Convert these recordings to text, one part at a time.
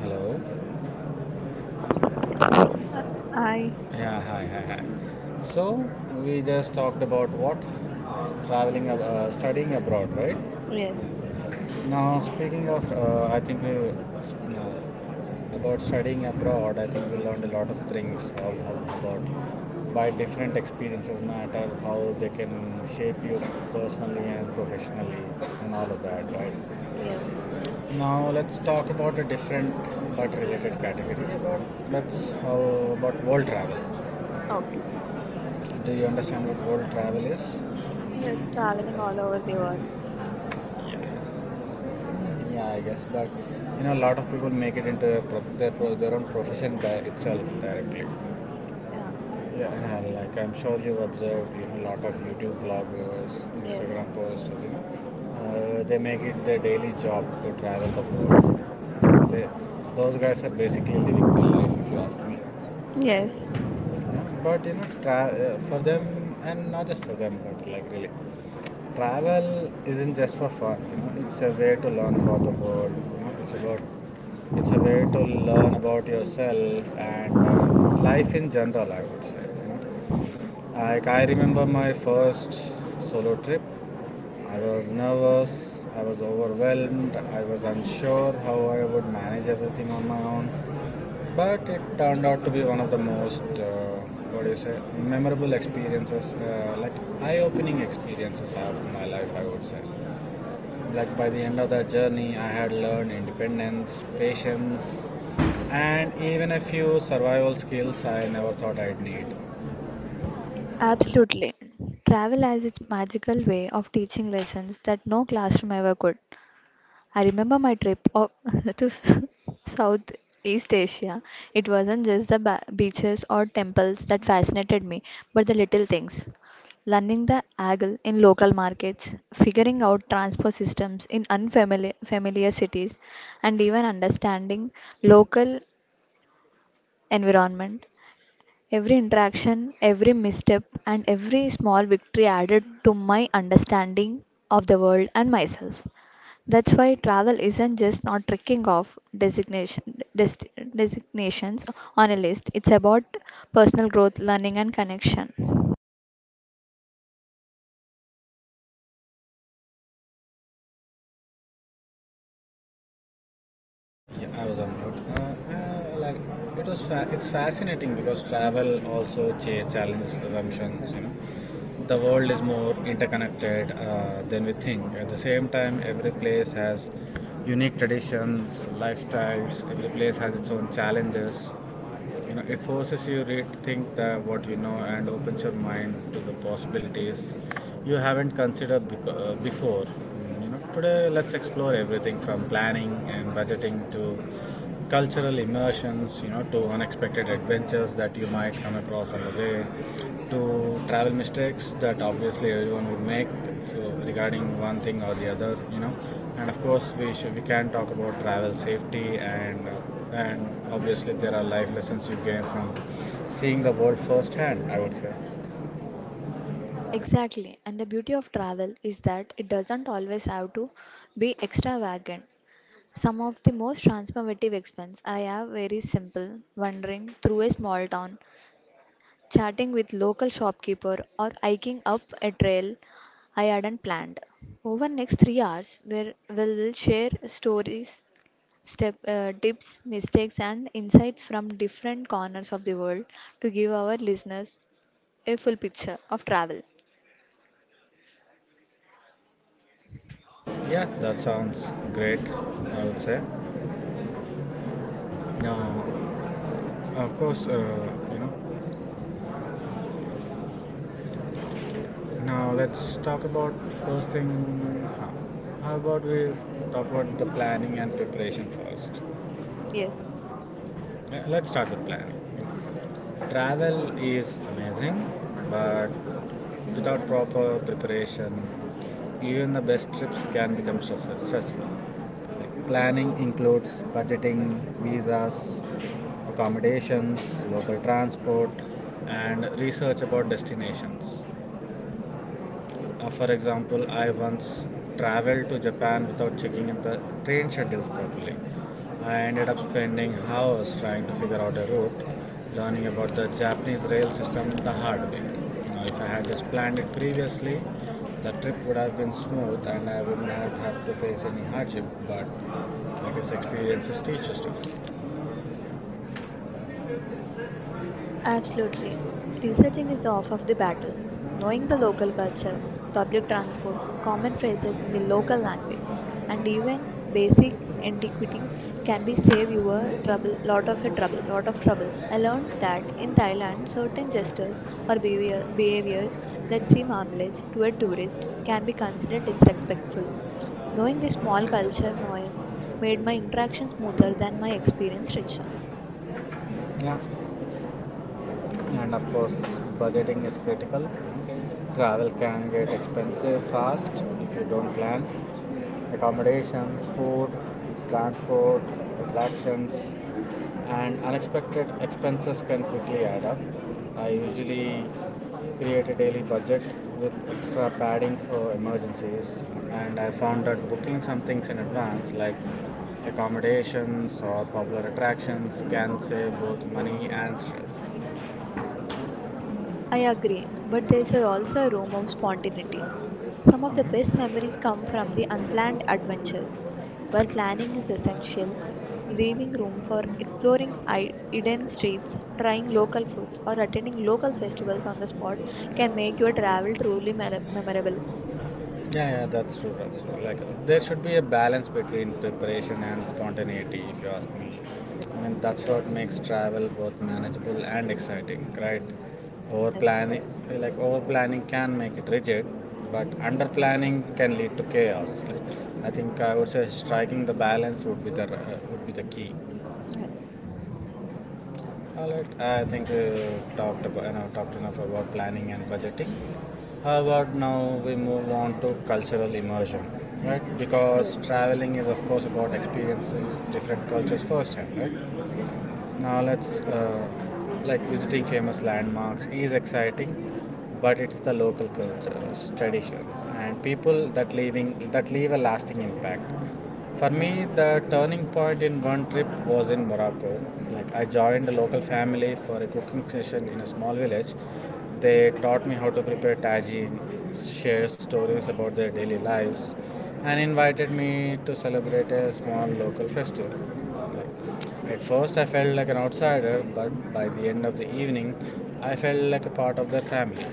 Hello. Uh, I Yeah. Hi. Hi. Hi. So we just talked about what traveling, studying abroad, right? Yes. Now speaking of, I think we about studying abroad. I think we learned a lot of things all about why different experiences matter, how they can shape you personally and professionally, and all of that, right? Yes, Now let's talk about a different but related category. About let's yes. About world travel. Okay. Do you understand what world travel is? Yes, traveling all over the world. Yeah, I guess. But you know, a lot of people make it into their their own profession itself directly. Yeah. Yeah, and, like I'm sure you've observed, you know, a lot of YouTube vloggers, Yes, Instagram posters, they make it their daily job to travel the world. They, those guys are basically living the life, if you ask me. yes. But you know, for them, and not just for them, but like really, travel isn't just for fun. You know, it's a way to learn about the world. It's a way to learn about yourself and life in general, I would say. You know, like I remember my first solo trip. I was nervous, I was overwhelmed, I was unsure how I would manage everything on my own. But it turned out to be one of the most, what do you say, memorable experiences, like eye opening experiences I have in my life, I would say. Like by the end of that journey, I had learned independence, patience, and even a few survival skills I never thought I'd need. Absolutely. Travel has its magical way of teaching lessons that no classroom ever could. I remember my trip to Southeast Asia. It wasn't just the beaches or temples that fascinated me, but the little things. Learning the angle in local markets, figuring out transport systems in unfamiliar familiar cities, and even understanding local environment. Every interaction, every misstep, and every small victory added to my understanding of the world and myself. That's why travel isn't just not tricking off designation, dest designations on a list. It's about personal growth, learning, and connection. Yeah, I was on mute. Like it was, it's fascinating because travel also challenges assumptions. You know, the world is more interconnected than we think. At the same time, every place has unique traditions, lifestyles. Every place has its own challenges. You know, it forces you to think that what you know and opens your mind to the possibilities you haven't considered before. You know, today let's explore everything from planning and budgeting to cultural immersions, you know, to unexpected adventures that you might come across on the way, to travel mistakes that obviously everyone would make, so regarding one thing or the other, you know. And of course we can talk about travel safety and and obviously there are life lessons you gain from seeing the world firsthand, I would say. Exactly, and the beauty of travel is that it doesn't always have to be extravagant. Some of the most transformative expense I have very simple, wandering through a small town, chatting with local shopkeeper or hiking up a trail I hadn't planned. Over next 3 hours, where we'll share stories tips, mistakes, and insights from different corners of the world to give our listeners a full picture of travel. Yeah, that sounds great, I would say. Now, of course, you know, now let's talk about first thing. How, about we talk about the planning and preparation first. Yes. Yeah, let's start with planning. Travel is amazing, but without proper preparation, even the best trips can become stressful. Like, planning includes budgeting, visas, accommodations, local transport, and research about destinations. For example, I once traveled to Japan without checking in the train schedules properly. I ended up spending hours trying to figure out a route, learning about the Japanese rail system the hard way. Now, if I had just planned it previously, the trip would have been smooth and I would not have to face any hardship. But I guess experiences teach you stuff. Absolutely. Researching is off of the battle. Knowing the local culture, public transport, common phrases in the local language, and even basic antiquity can be save you a trouble, lot of a trouble, lot of trouble. I learned that in Thailand, certain gestures or behaviors that seem harmless to a tourist can be considered disrespectful. Knowing the small culture nuance made my interaction smoother than my experience richer. Yeah, and of course, budgeting is critical. Travel can get expensive fast if you don't plan. Accommodations, food, transport, attractions, and unexpected expenses can quickly add up. I usually create a daily budget with extra padding for emergencies, and I found that booking some things in advance, like accommodations or popular attractions, can save both money and stress. I agree, but there's also a room of spontaneity. Some of the best Mhm. memories come from the unplanned adventures. While planning is essential, leaving room for exploring hidden streets, trying local foods, or attending local festivals on the spot can make your travel truly memorable. Yeah, yeah, that's true. That's true. There should be a balance between preparation and spontaneity, if you ask me. I mean, that's what makes travel both manageable and exciting, right? Over Yes, planning, like over planning, can make it rigid, but under planning can lead to chaos. Like, I think I would say striking the balance would be the key. yes, All right. I think we talked about, you know, talked enough about planning and budgeting. How about now we move on to cultural immersion, right? Because yes. traveling is, of course, about experiencing different cultures firsthand, right? Now let's Yeah. Like visiting famous landmarks is exciting, but it's the local cultures, traditions, and people that leave a lasting impact. For me, the turning point in one trip was in Morocco. Like I joined a local family for a cooking session in a small village. They taught me how to prepare tagine, shared stories about their daily lives, and invited me to celebrate a small local festival. Like at first, I felt like an outsider, but by the end of the evening, I felt like a part of their family.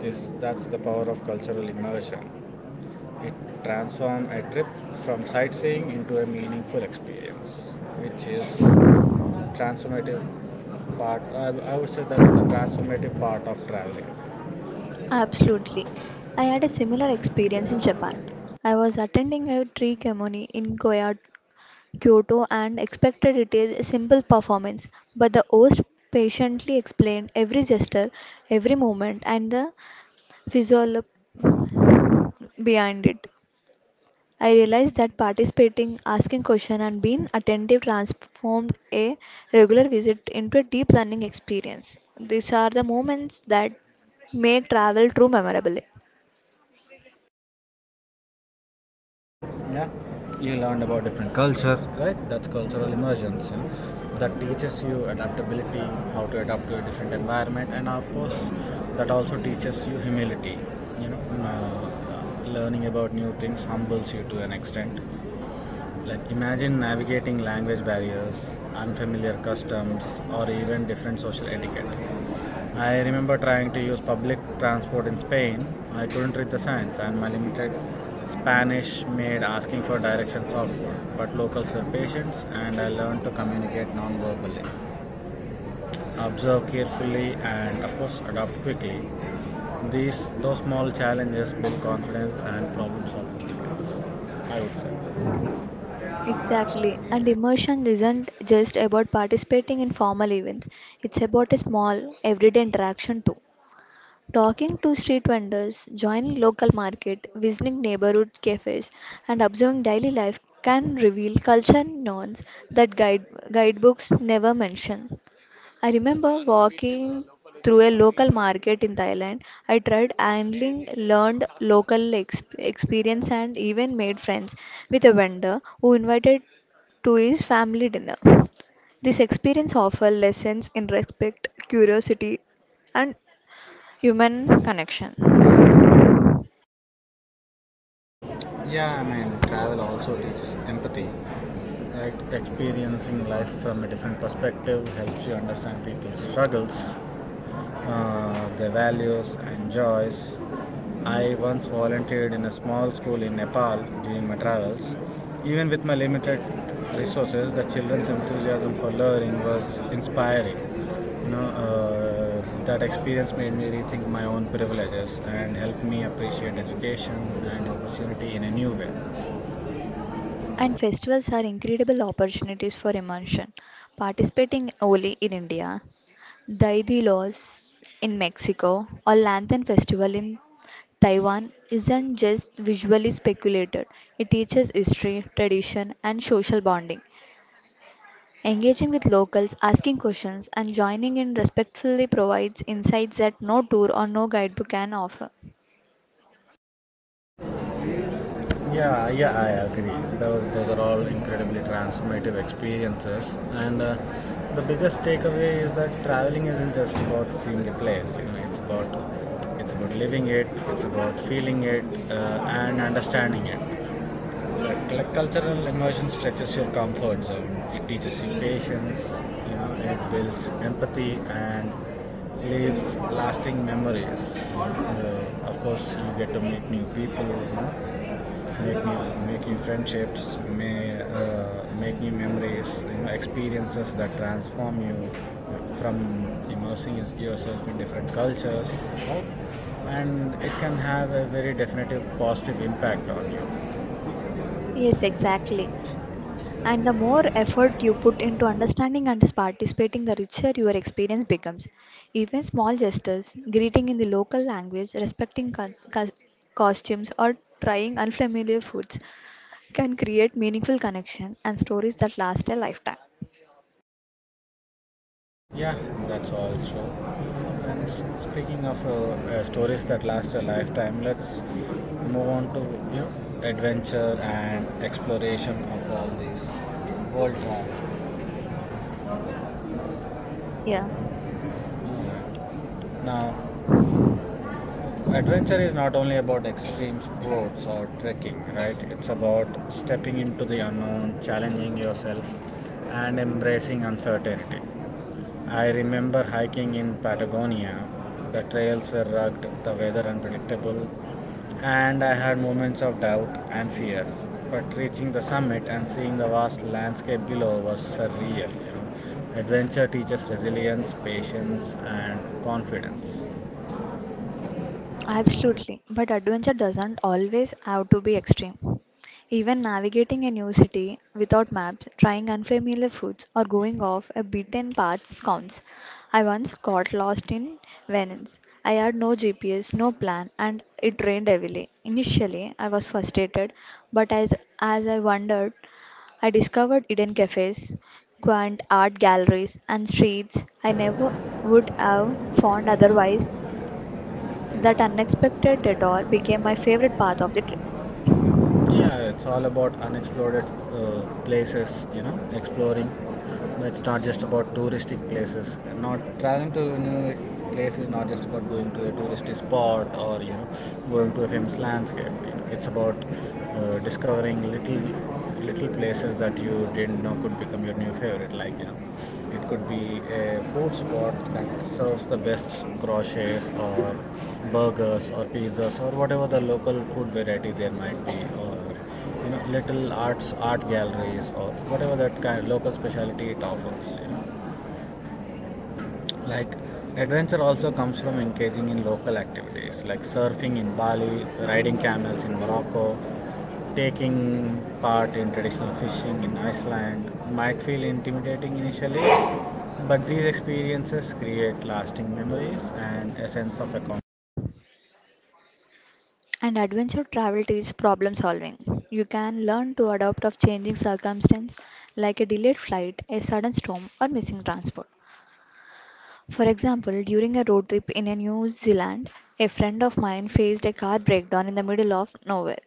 That's the power of cultural immersion. It transforms a trip from sightseeing into a meaningful experience, which is transformative part. I would say that's the transformative part of traveling. Absolutely. I had a similar experience in Japan. I was attending a tree ceremony in Goa Kyoto and expected it is a simple performance, but the host patiently explained every gesture, every movement, and the physiology behind it. I realized that participating, asking questions, and being attentive transformed a regular visit into a deep learning experience. These are the moments that make travel true memorable. Yeah, you learned about different culture, right? That's cultural immersions. You know, that teaches you adaptability, how to adapt to a different environment, and of course that also teaches you humility. You know, learning about new things humbles you to an extent. Like, imagine navigating language barriers, unfamiliar customs, or even different social etiquette. I remember trying to use public transport in Spain. I couldn't read the signs, and my limited Spanish made asking for directions awkward. But locals were patient, and I learned to communicate non verbally, observe carefully, and of course, adapt quickly. Those small challenges build confidence and problem solving skills, I would say. Exactly. And immersion isn't just about participating in formal events, it's about a small, everyday interaction too. Talking to street vendors, joining local market, visiting neighborhood cafes, and observing daily life can reveal culture and norms that guidebooks never mention. I remember walking through a local market in Thailand. I tried angling, learned local experience, and even made friends with a vendor who invited to his family dinner. This experience offers lessons in respect, curiosity, and human connection. Yeah, I mean, travel also teaches empathy, experiencing life from a different perspective helps you understand people's struggles, their values, and joys. I once volunteered in a small school in Nepal during my travels. Even with my limited resources, the children's enthusiasm for learning was inspiring. You know, that experience made me rethink my own privileges and helped me appreciate education and opportunity in a new way. And festivals are incredible opportunities for immersion. Participating Holi in India, Dai de Los in Mexico, or Lantern Festival in Taiwan isn't just visually speculated, it teaches history, tradition, and social bonding. Engaging with locals, asking questions, and joining in respectfully provides insights that no tour or no guidebook can offer. Yeah, yeah, I agree. Those are all incredibly transformative experiences. And the biggest takeaway is that traveling isn't just about seeing a place. You know, it's about living it. It's about feeling it, uh, and understanding it. Like cultural immersion stretches your comfort zone. It teaches you patience. You know, it builds empathy and leaves lasting memories. Of course, you get to meet new people. You know, make new make new friendships. Make new memories. You know, experiences that transform you from immersing yourself in different cultures. You know, and it can have a very definitive positive impact on you. Yes, exactly. And the more effort you put into understanding and participating, the richer your experience becomes. Even small gestures, greeting in the local language, respecting costumes, or trying unfamiliar foods can create meaningful connection and stories that last a lifetime. Yeah, that's all. So, Stories that last a lifetime. Let's move on to, you know, adventure and exploration of all these world travel. Yeah. Now, adventure is not only about extreme sports or trekking, right? It's about stepping into the unknown, challenging yourself, and embracing uncertainty. I remember hiking in Patagonia. The trails were rugged, the weather unpredictable, and I had moments of doubt and fear. But reaching the summit and seeing the vast landscape below was surreal. You know? Adventure teaches resilience, patience, and confidence. Absolutely, but adventure doesn't always have to be extreme. Even navigating a new city without maps, trying unfamiliar foods, or going off a beaten path counts. I once got lost in Venice. I had no GPS, no plan, and it rained heavily. Initially, I was frustrated, but as I wandered, I discovered hidden cafes, quaint art galleries, and streets I never would have found otherwise. That unexpected detour became my favorite part of the trip. Yeah, it's all about unexplored places, you know, exploring. It's not just about touristic places. And not traveling to a new place is not just about going to a touristy spot or, you know, going to a famous landscape. You know, it's about discovering little places that you didn't know could become your new favorite, like you know it could be a food spot that serves the best crochets or burgers or pizzas or whatever the local food variety there might be, or you know little art galleries or whatever that kind of local specialty it offers. You know, like adventure also comes from engaging in local activities like surfing in Bali, riding camels in Morocco, taking part in traditional fishing in Iceland. Might feel intimidating initially, but these experiences create lasting memories and a sense of accomplishment. And adventure travel teaches problem solving. You can learn to adapt of changing circumstance like a delayed flight, a sudden storm or missing transport. For example, during a road trip in a New Zealand, a friend of mine faced a car breakdown in the middle of nowhere.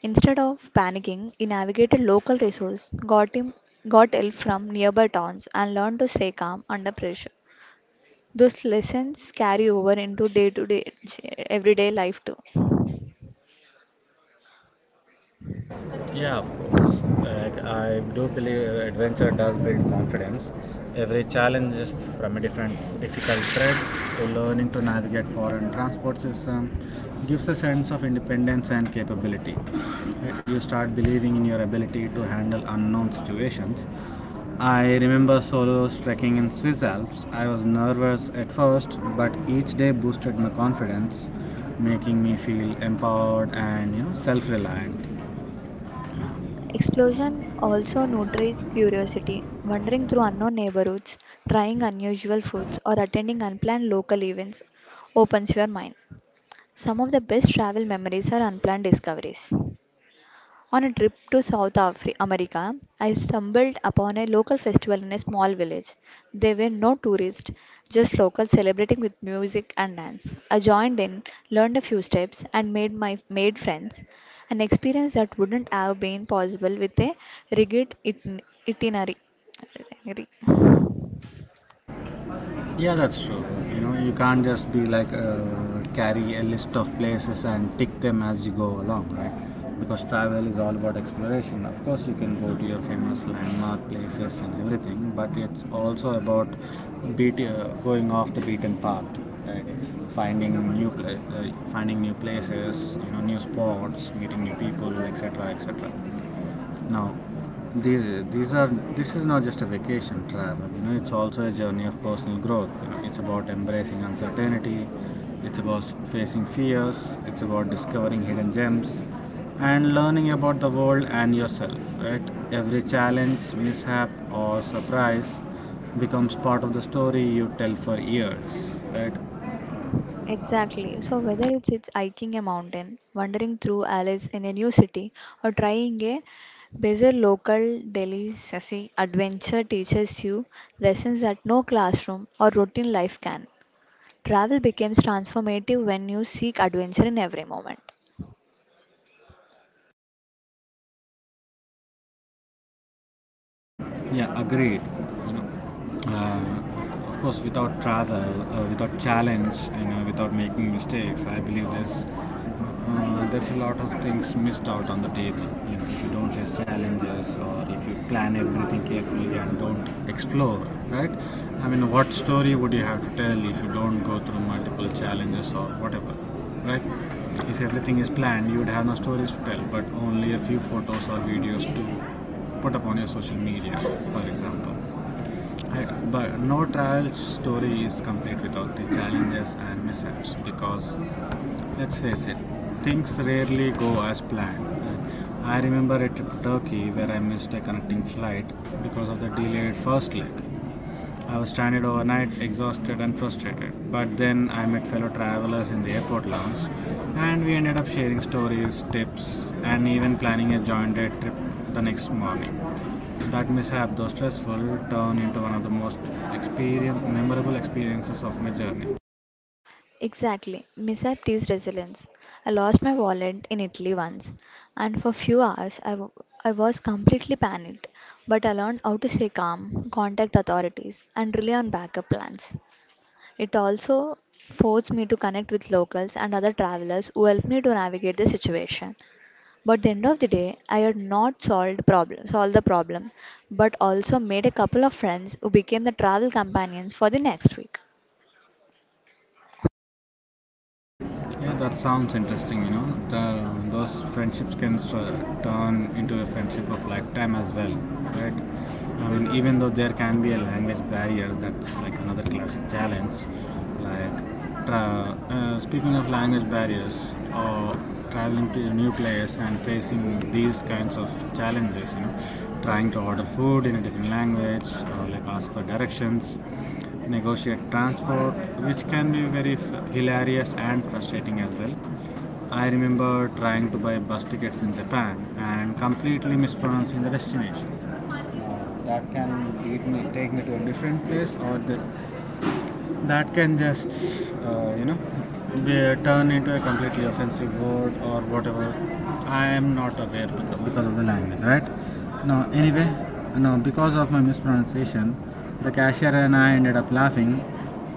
Instead of panicking, he navigated local resources, got help from nearby towns and learned to stay calm under pressure. Those lessons carry over into day to day, everyday life too. Yeah, of course. Like, I do believe adventure does build confidence. Every challenge is from a different difficult threat to learning to navigate foreign transport system gives a sense of independence and capability. You start believing in your ability to handle unknown situations. I remember solo trekking in Swiss Alps. I was nervous at first, but each day boosted my confidence, making me feel empowered and you know self-reliant. Explosion also nurtures curiosity. Wandering through unknown neighborhoods, trying unusual foods, or attending unplanned local events opens your mind. Some of the best travel memories are unplanned discoveries. On a trip to South America, I stumbled upon a local festival in a small village. There were no tourists, just locals celebrating with music and dance. I joined in, learned a few steps, and made friends. An experience that wouldn't have been possible with a rigid itinerary. itinerary. Yeah, that's true. You know, you can't just be carry a list of places and tick them as you go along, right? Because travel is all about exploration. Of course, you can go to your famous landmark places and everything, but it's also about going off the beaten path, right? Finding finding new places, you know, new spots, meeting new people, etc., etc. Now, these these are this is not just a vacation travel, you know, it's also a journey of personal growth. You know, it's about embracing uncertainty, it's about facing fears, it's about discovering hidden gems and learning about the world and yourself, right? Every challenge, mishap, or surprise becomes part of the story you tell for years, right? Exactly. So whether it's hiking a mountain, wandering through alleys in a new city, or trying a bizarre local delicacy, adventure teaches you lessons that no classroom or routine life can. Travel becomes transformative when you seek adventure in every moment. Yeah, agreed. You know, of course, without travel, without challenge, you know, without making mistakes, I believe there's there's a lot of things missed out on the table. You know, if you don't face challenges or if you plan everything carefully and don't explore, right? I mean, what story would you have to tell if you don't go through multiple challenges or whatever, right? If everything is planned, you would have no stories to tell, but only a few photos or videos to put up on your social media, for example. I- But no travel story is complete without the challenges and mishaps because, let's face it, things rarely go as planned. I remember a trip to Turkey where I missed a connecting flight because of the delayed first leg. I was stranded overnight, exhausted and frustrated. But then I met fellow travelers in the airport lounge and we ended up sharing stories, tips, and even planning a joint day trip the next morning. That mishap, though stressful, turned into one of the most memorable experiences of my journey. Exactly. Mishap teaches resilience. I lost my wallet in Italy once, and for few hours I was completely panicked. But I learned how to stay calm, contact authorities, and rely on backup plans. It also forced me to connect with locals and other travelers who helped me to navigate the situation. But the end of the day, I had not solved problem, solved the problem, but also made a couple of friends who became the travel companions for the next week. Yeah, that sounds interesting. You know, those friendships can turn into a friendship of lifetime as well, right? I mean, even though there can be a language barrier, that's like another classic challenge. Like, speaking of language barriers, or traveling to a new place and facing these kinds of challenges, you know, trying to order food in a different language, or like ask for directions, negotiate transport, which can be very hilarious and frustrating as well. I remember trying to buy bus tickets in Japan and completely mispronouncing the destination. That can lead me take me to a different place, or the that can just, you know, be, turn into a completely offensive word or whatever. I am not aware because of the language, right? No, anyway, no, because of my mispronunciation, the cashier and I ended up laughing,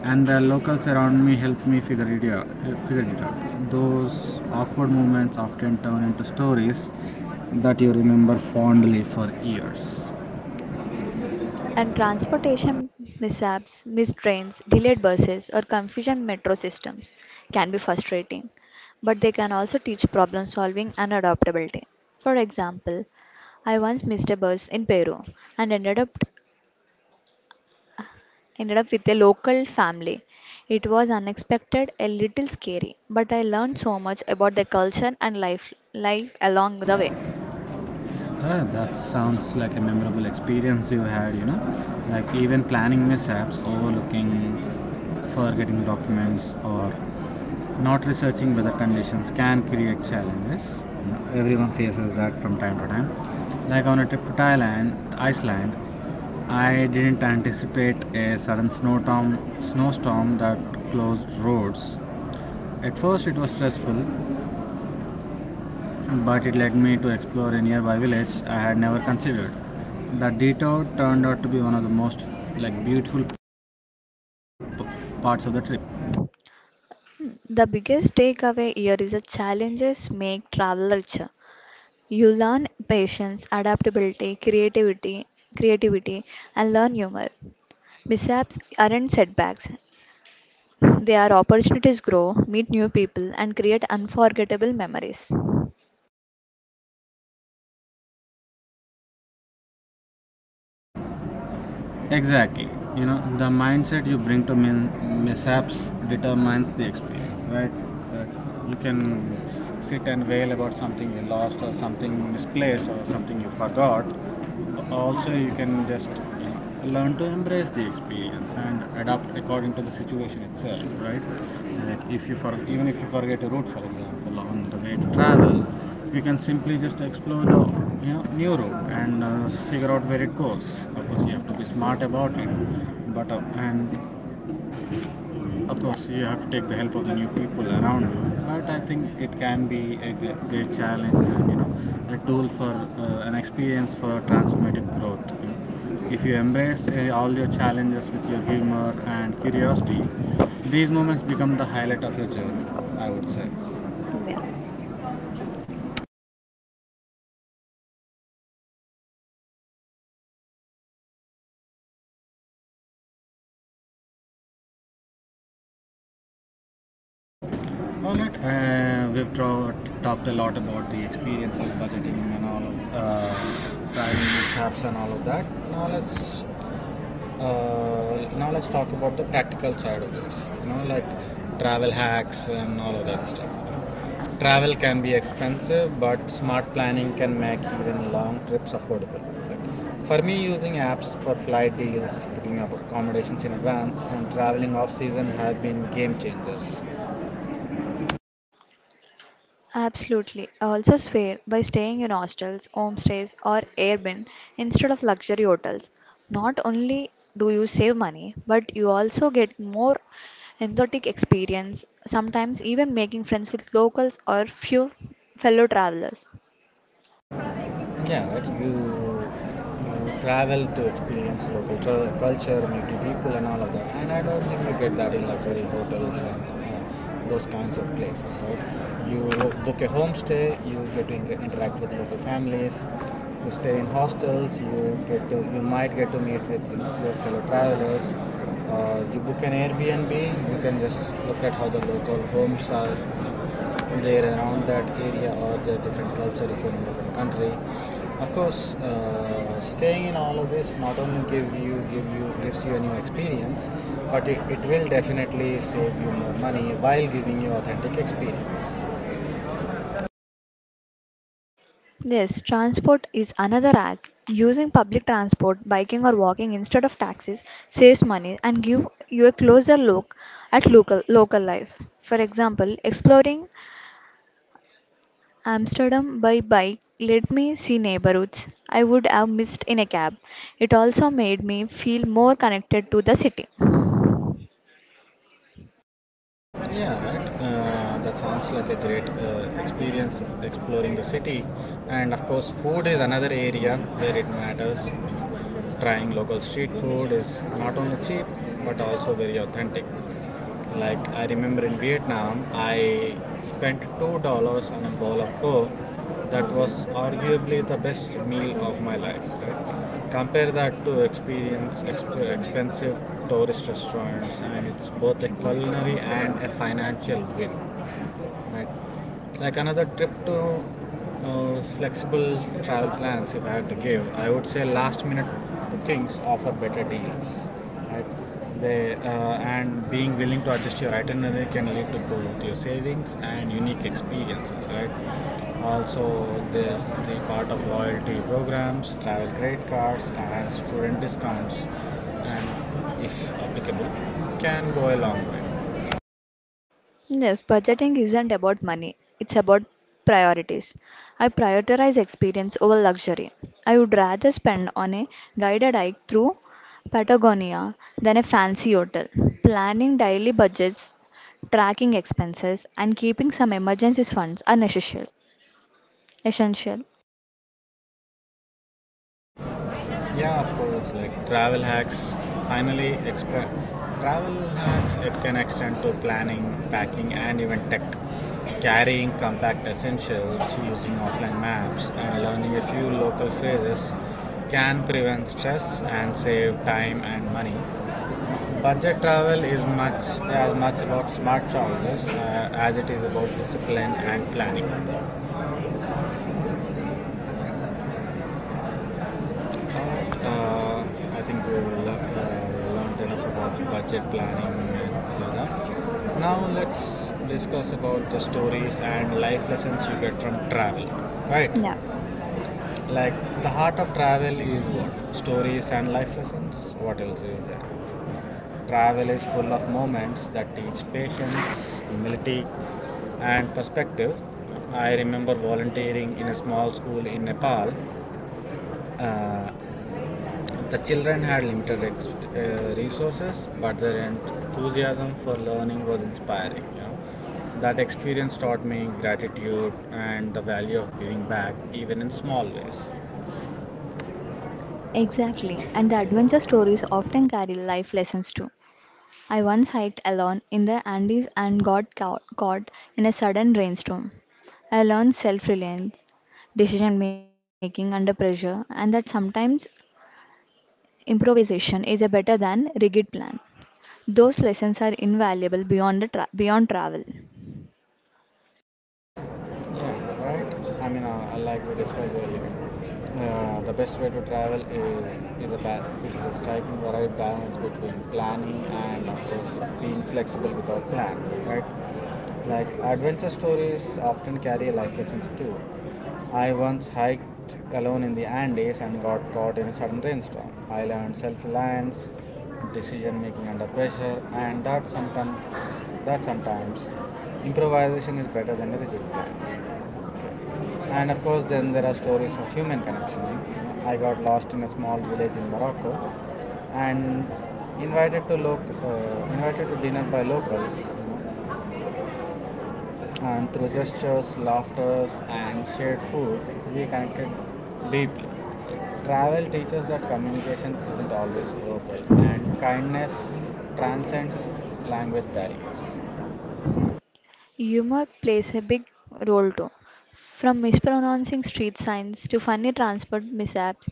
and the locals around me helped me figure it out. Figure it out. Those awkward moments often turn into stories that you remember fondly for years. And transportation mishaps, missed trains, delayed buses, or confusion metro systems can be frustrating, but they can also teach problem solving and adaptability. For example, I once missed a bus in Peru and ended up with a local family. It was unexpected, a little scary, but I learned so much about the culture and life along the way. Ah, that sounds like a memorable experience you had, you know? Like even planning mishaps, overlooking, forgetting documents, or not researching weather conditions can create challenges. You know, everyone faces that from time to time. Like on a trip to Thailand, Iceland, I didn't anticipate a sudden snowstorm that closed roads. At first, it was stressful, but it led me to explore a nearby village I had never considered. The detour turned out to be one of the most, like, beautiful parts of the trip. The biggest takeaway here is that challenges make travel richer. You learn patience, adaptability, creativity, and learn humor. Mishaps aren't setbacks. They are opportunities grow, meet new people, and create unforgettable memories. Exactly. You know, the mindset you bring to mishaps determines the experience, right? Uh, You can sit and wail about something you lost or something misplaced or something you forgot. But also, you can just you learn to embrace the experience and adapt according to the situation itself, right? Like, if you for even if you forget a route, for example, on the way to travel, you can simply just explore the, you know, new route and, figure out where it goes. Of course you have to Yeah, be smart about it, but and of yeah, course you have to take the help of the new people around you. But I think it can be a great challenge and, you know, a tool for, an experience for transformative growth, you know. If you embrace, all your challenges with your humor and curiosity, these moments become the highlight of your journey, I would say. yeah. All right. Talked a lot about the experiences, budgeting, and all of, driving apps and all of that. Now let's now let's talk about the practical side of this. You know, like, travel hacks and all of that stuff. Travel can be expensive, but smart planning can make even long trips affordable. Like, for me, using apps for flight deals, booking up accommodations in advance, and traveling off season have been game changers. Absolutely. Also swear by staying in hostels, homestays or Airbnb instead of luxury hotels. Not only do you save money, but you also get more authentic experience, sometimes even making friends with locals or few fellow travelers. Yeah, right. You travel to experience local culture, meet new people, and all of that. And I don't think you get that in luxury hotels and, those kinds of places, right? You book a homestay, you get to interact with local families. You stay in hostels, you get to, you might get to meet with, you know, your fellow travelers. You book an Airbnb, you can just look at how the local homes are there around that area, or the different culture if you're in a different country. Of course, staying in all of this not only gives you a new experience, but it will definitely save you more money while giving you authentic experience. Yes, transport is another act. Using public transport, biking or walking instead of taxis saves money and give you a closer look at local life. For example, exploring Amsterdam by bike let me see neighborhoods I would have missed in a cab. It also made me feel more connected to the city. Yeah, right. That sounds like a great, experience exploring the city. And of course, food is another area where it matters. You know, trying local street food is not only cheap but also very authentic. Like I remember in Vietnam, I spent $2 on a bowl of pho, that was arguably the best meal of my life. Right? Compare that to expensive tourist restaurants, and it's both a culinary and a financial win. Right. Like another tip to, flexible travel plans, if I had to give, I would say last minute bookings offer better deals. Right. They, and being willing to adjust your itinerary can lead to both your savings and unique experiences. Right. Also, there's the part of loyalty programs, travel credit cards, and student discounts, and if applicable, can go a long way. Yes, budgeting isn't about money, it's about priorities. I prioritize experience over luxury. I would rather spend on a guided hike through Patagonia than a fancy hotel. Planning daily budgets, tracking expenses, and keeping some emergency funds are necessary. Essential. Yeah, of course. Like, finally exp- travel hacks, it can extend to planning, packing, and even tech. Carrying compact essentials, using offline maps, and learning a few local phrases can prevent stress and save time and money. Budget travel is much as much about smart choices, as it is about discipline and planning. Uh, I think we will, learned enough about budget planning and all that. Now let's discuss about the stories and life lessons you get from travel. Right? Yeah. Like, the heart of travel is what? Stories and life lessons. What else is there? Travel is full of moments that teach patience, humility, and perspective. I remember volunteering in a small school in Nepal. uh, The children had limited resources, but their enthusiasm for learning was inspiring. You know, that experience taught me gratitude and the value of giving back, even in small ways. Exactly, and the adventure stories often carry life lessons too. I once hiked alone in the Andes and got caught in a sudden rainstorm. I learned self reliance, decision making under pressure, and that sometimes improvisation is a better than rigid plan. Those lessons are invaluable beyond travel. Yeah, right. I mean, like we discussed earlier, the best way to travel is striking the right balance between planning and, of course, being flexible without plans, right? Like, adventure stories often carry life lessons too. I once hiked alone in the Andes and got caught in a sudden rainstorm. I learned self-reliance, decision making under pressure, and that sometimes improvisation is better than a rigid plan. And of course, then there are stories of human connection. I got lost in a small village in Morocco, and invited to dinner by locals. You know, and through gestures, laughter, and shared food, we connected deeply. Travel teaches that communication isn't always verbal, and kindness transcends language barriers. Humor plays a big role too. From mispronouncing street signs to funny transport mishaps,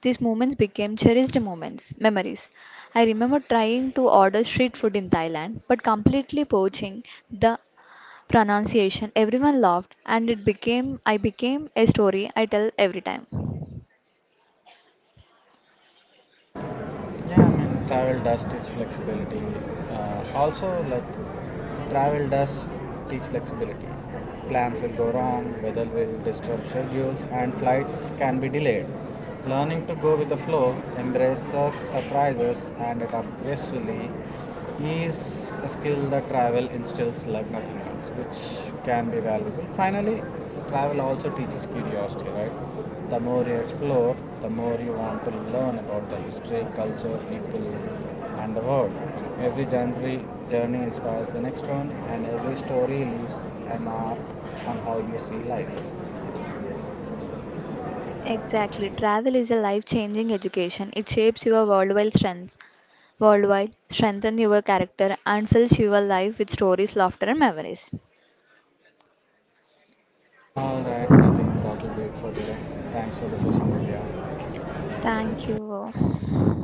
these moments became cherished memories. I remember trying to order street food in Thailand, but completely poaching the pronunciation. Everyone laughed, and it became I became a story I tell every time. Yeah, I mean, travel does teach flexibility. Also, like, travel does teach flexibility. Plans will go wrong, weather will disturb schedules, and flights can be delayed. Learning to go with the flow, embrace surprises, and adapt gracefully is a skill that travel instills like nothing else, which can be valuable. Finally, travel also teaches curiosity, right? The more you explore, the more you want to learn about the history, culture, people, and the world. Every journey, journey inspires the next one, and every story leaves a mark on how you see life. Exactly. Travel is a life-changing education. It shapes your worldwide strengthens your character, and fills your life with stories, laughter, and memories. All right, I think that will be it for today. Thanks for the session, Divya. Thank you.